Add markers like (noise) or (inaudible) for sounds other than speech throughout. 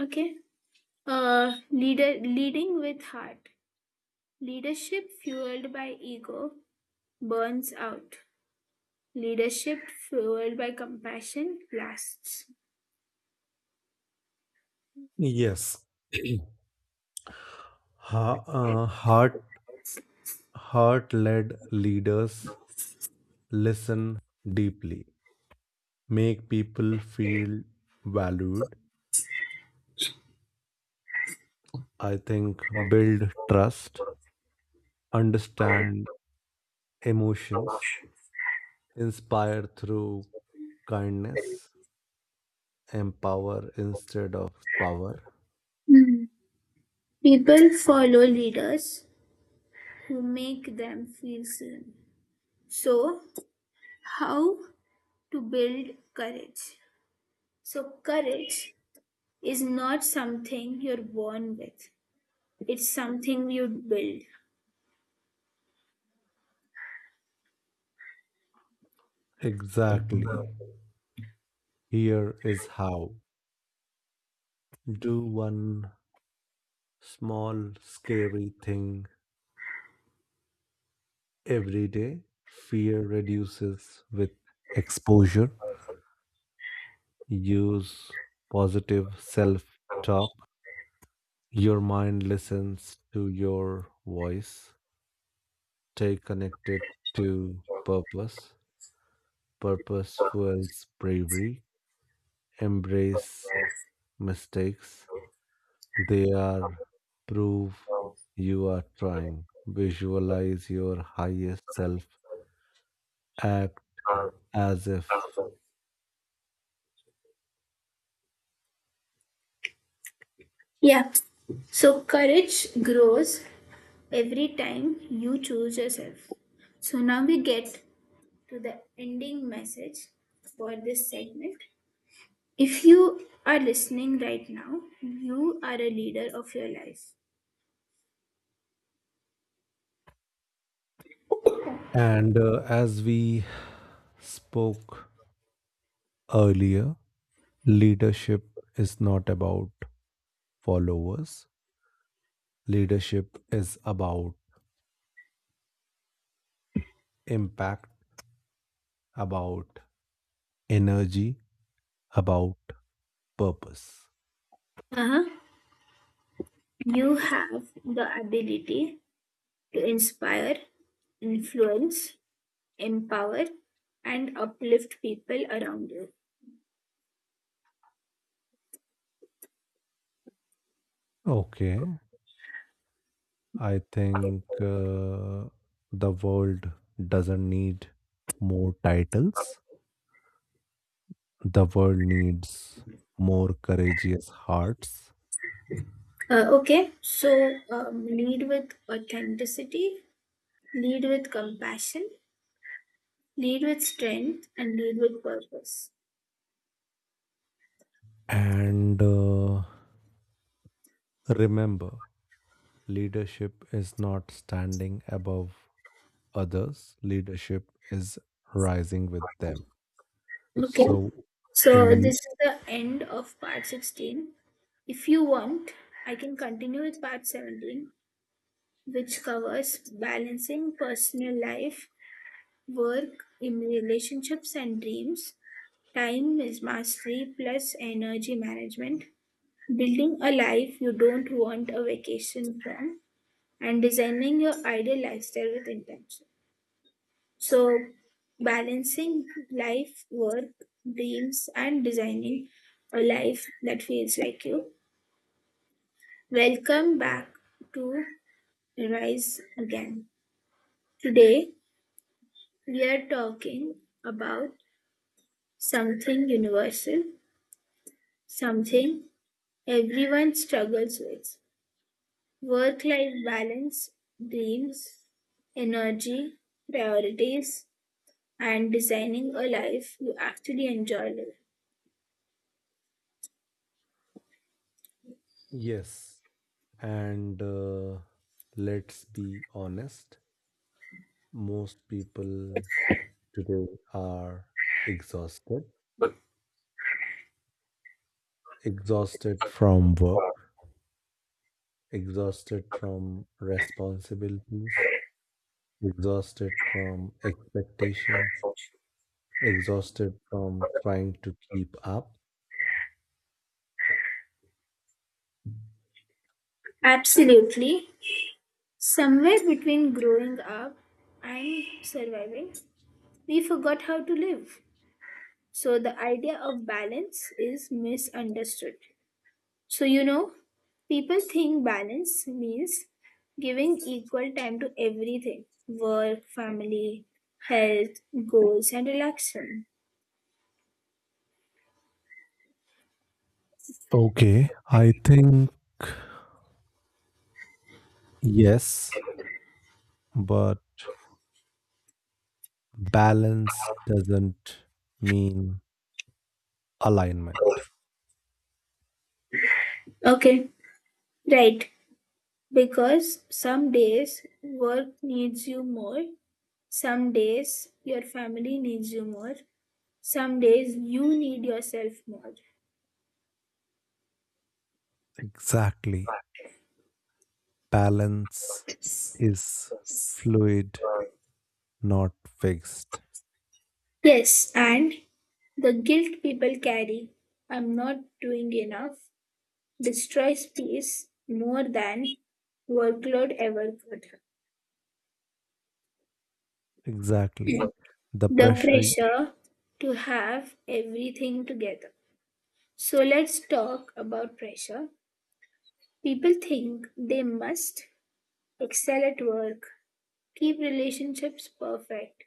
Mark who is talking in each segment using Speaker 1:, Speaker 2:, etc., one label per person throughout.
Speaker 1: Okay. Leader Leading with heart. Leadership fueled by ego burns out. Leadership fueled by compassion lasts.
Speaker 2: Yes. (clears throat) Heart heart led leaders listen deeply, make people feel valued, I think, build trust, understand emotions, inspire through kindness, empower instead of power.
Speaker 1: Hmm. People follow leaders who make them feel seen. So, how to build courage? So, courage is not something you're born with. It's something you build.
Speaker 2: Exactly. Here is how. Do one small scary thing every day. Fear reduces with exposure. Use positive self talk. Your mind listens to your voice. Stay connected to purpose. Purpose fuels bravery. Embrace mistakes. They are proof you are trying. Visualize your highest self. Act as if.
Speaker 1: Yeah. So courage grows every time you choose yourself. So now we get to the ending message for this segment. If you are listening right now, you are a leader of your life.
Speaker 2: And As we spoke earlier, leadership is not about followers, leadership is about impact, about energy, about purpose.
Speaker 1: Uh-huh. You have the ability to inspire, influence, empower, and uplift people around you.
Speaker 2: Okay, I think the world doesn't need more titles, the world needs more courageous hearts.
Speaker 1: Okay, so lead with authenticity. Lead with compassion, lead with strength, and lead with purpose.
Speaker 2: And Remember, leadership is not standing above others, leadership is rising with them.
Speaker 1: Okay.
Speaker 2: So, in the
Speaker 1: So
Speaker 2: n-
Speaker 1: this is the end of part 16. If you want, I can continue with part 17, which covers balancing personal life, work, in relationships and dreams, time is mastery plus energy management, building a life you don't want a vacation from, and designing your ideal lifestyle with intention. So, balancing life, work, dreams, and designing a life that feels like you. Welcome back to Rise Again. Today, we are talking about something universal, something everyone struggles with: work life balance, dreams, energy, priorities, and designing a life you actually enjoy living.
Speaker 2: yes, and let's be honest, most people today are exhausted, exhausted from work, exhausted from responsibilities, exhausted from expectations, exhausted from trying to keep up.
Speaker 1: Absolutely. Somewhere between growing up and surviving, we forgot how to live. So the idea of balance is misunderstood. So, you know, people think balance means giving equal time to everything: work, family, health, goals, and relaxation.
Speaker 2: Okay, I think, yes, but balance doesn't mean alignment.
Speaker 1: Okay, right. Because some days work needs you more, some days your family needs you more, some days you need yourself more.
Speaker 2: Exactly. Balance is fluid, not fixed.
Speaker 1: Yes, and the guilt people carry, I'm not doing enough, destroys peace more than workload ever could.
Speaker 2: Exactly. The
Speaker 1: The
Speaker 2: pressure, y-
Speaker 1: pressure to have everything together. So let's talk about pressure. People think they must excel at work, keep relationships perfect,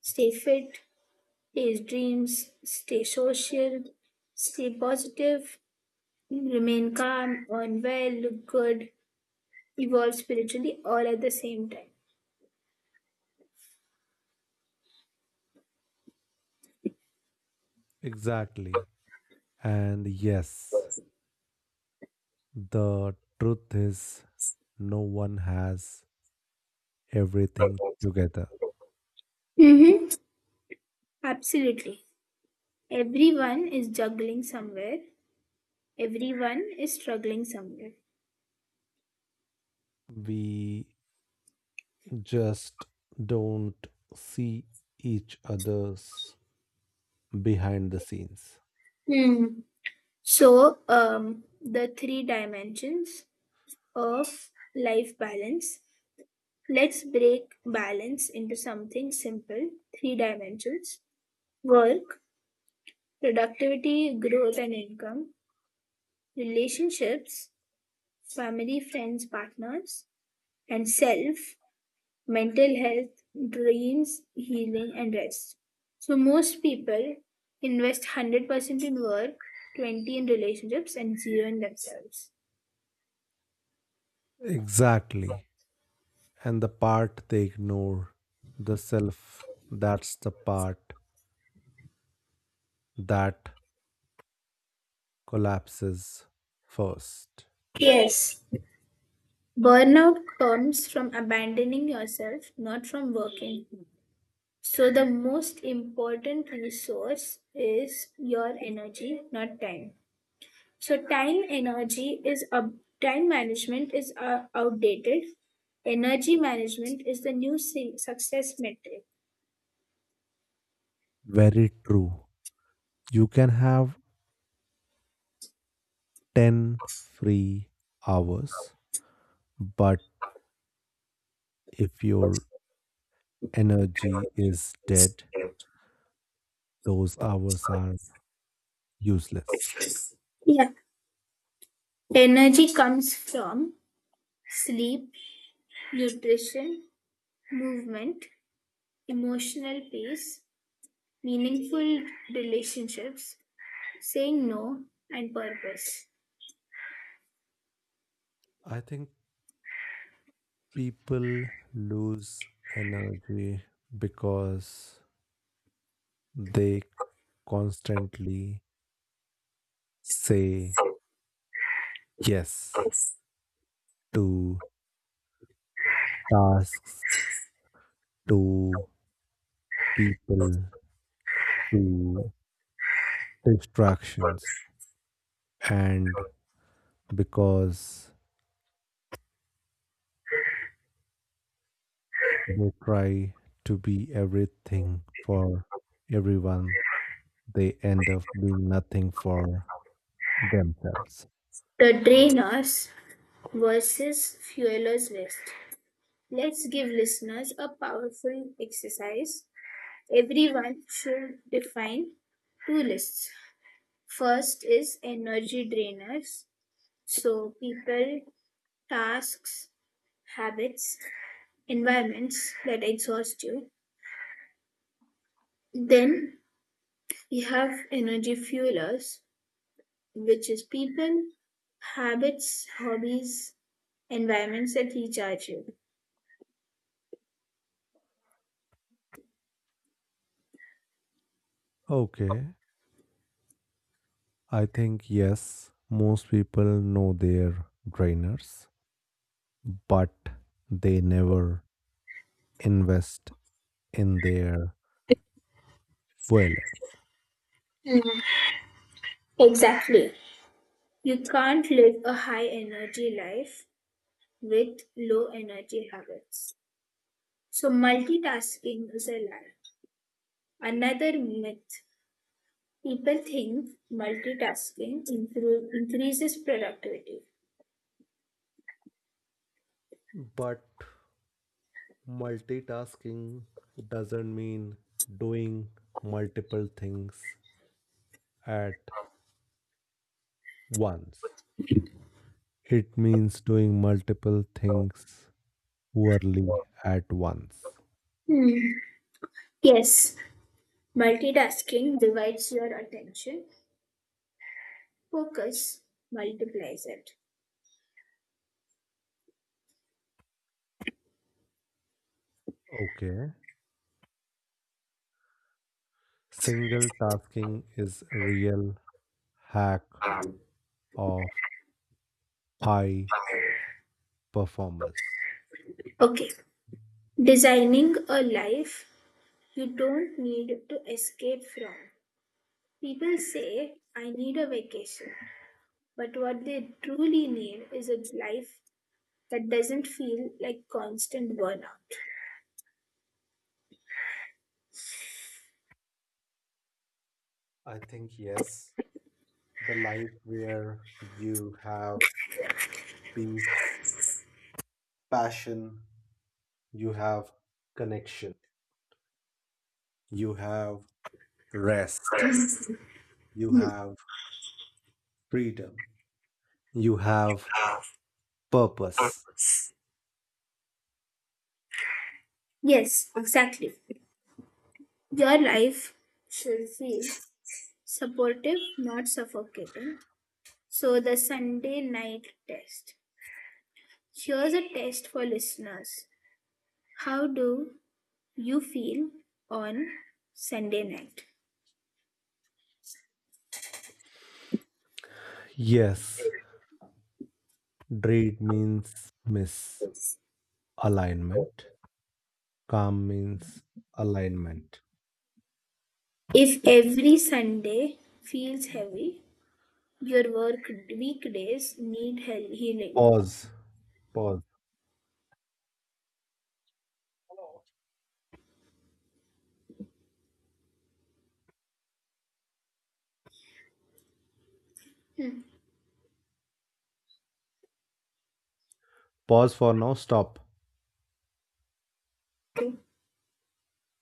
Speaker 1: stay fit, chase dreams, stay social, stay positive, remain calm, earn well, look good, evolve spiritually all at the same time.
Speaker 2: exactly. And yes, the truth is no one has everything together.
Speaker 1: Mm-hmm. Absolutely. Everyone is juggling somewhere, everyone is struggling somewhere.
Speaker 2: We just don't see each other's behind the scenes.
Speaker 1: Hmm. So, the three dimensions of life balance. Let's break balance into something simple: three dimensions. Work, productivity, growth and income; relationships, family, friends, partners; and self, mental health, dreams, healing, and rest. So, most people invest 100% in work, 20 in relationships, and zero in themselves.
Speaker 2: Exactly. And the part they ignore, the self, that's the part that collapses first.
Speaker 1: Yes, burnout comes from abandoning yourself, not from working. So, the most important resource is your energy, not time. So time energy is up, time management is outdated. Energy management is the new success metric.
Speaker 2: Very true. You can have 10 free hours, but if your energy is dead, those hours are useless.
Speaker 1: Yeah. Energy comes from sleep, nutrition, movement, emotional peace, meaningful relationships, saying no, and purpose.
Speaker 2: I think people lose energy because they constantly say yes to tasks, to people, to distractions, and because they try to be everything for everyone, they end up being nothing for themselves.
Speaker 1: The drainers versus fuelers waste. Let's give listeners a powerful exercise. Everyone should define two lists. First is energy drainers, so people, tasks, habits, environments that exhaust you. Then we have energy fuelers, which is people, habits, hobbies, environments that recharge you.
Speaker 2: Okay, I think, yes, most people know their drainers, but they never invest in their fueler.
Speaker 1: Exactly. You can't live a high energy life with low energy habits. So, multitasking is a lie. Another myth, people think multitasking increases productivity.
Speaker 2: But multitasking doesn't mean doing multiple things at once. It means doing multiple things poorly at once.
Speaker 1: Hmm. Yes, multitasking divides your attention, focus multiplies it.
Speaker 2: Okay. Single tasking is a real hack of high performers.
Speaker 1: Okay, designing a life you don't need to escape from. People say, I need a vacation. But what they truly need is a life that doesn't feel like constant burnout.
Speaker 2: I think, yes, the life where you have peace, passion, you have connection, you have rest, you have freedom, you have purpose.
Speaker 1: Yes, exactly. Your life should feel supportive, not suffocating. So, the Sunday night test. Here's a test for listeners. How do you feel on Sunday night?
Speaker 2: Yes, dread means misalignment, calm means alignment.
Speaker 1: If every Sunday feels heavy, your work weekdays need healing.
Speaker 2: Pause, pause,
Speaker 1: Hmm.
Speaker 2: pause for now, stop.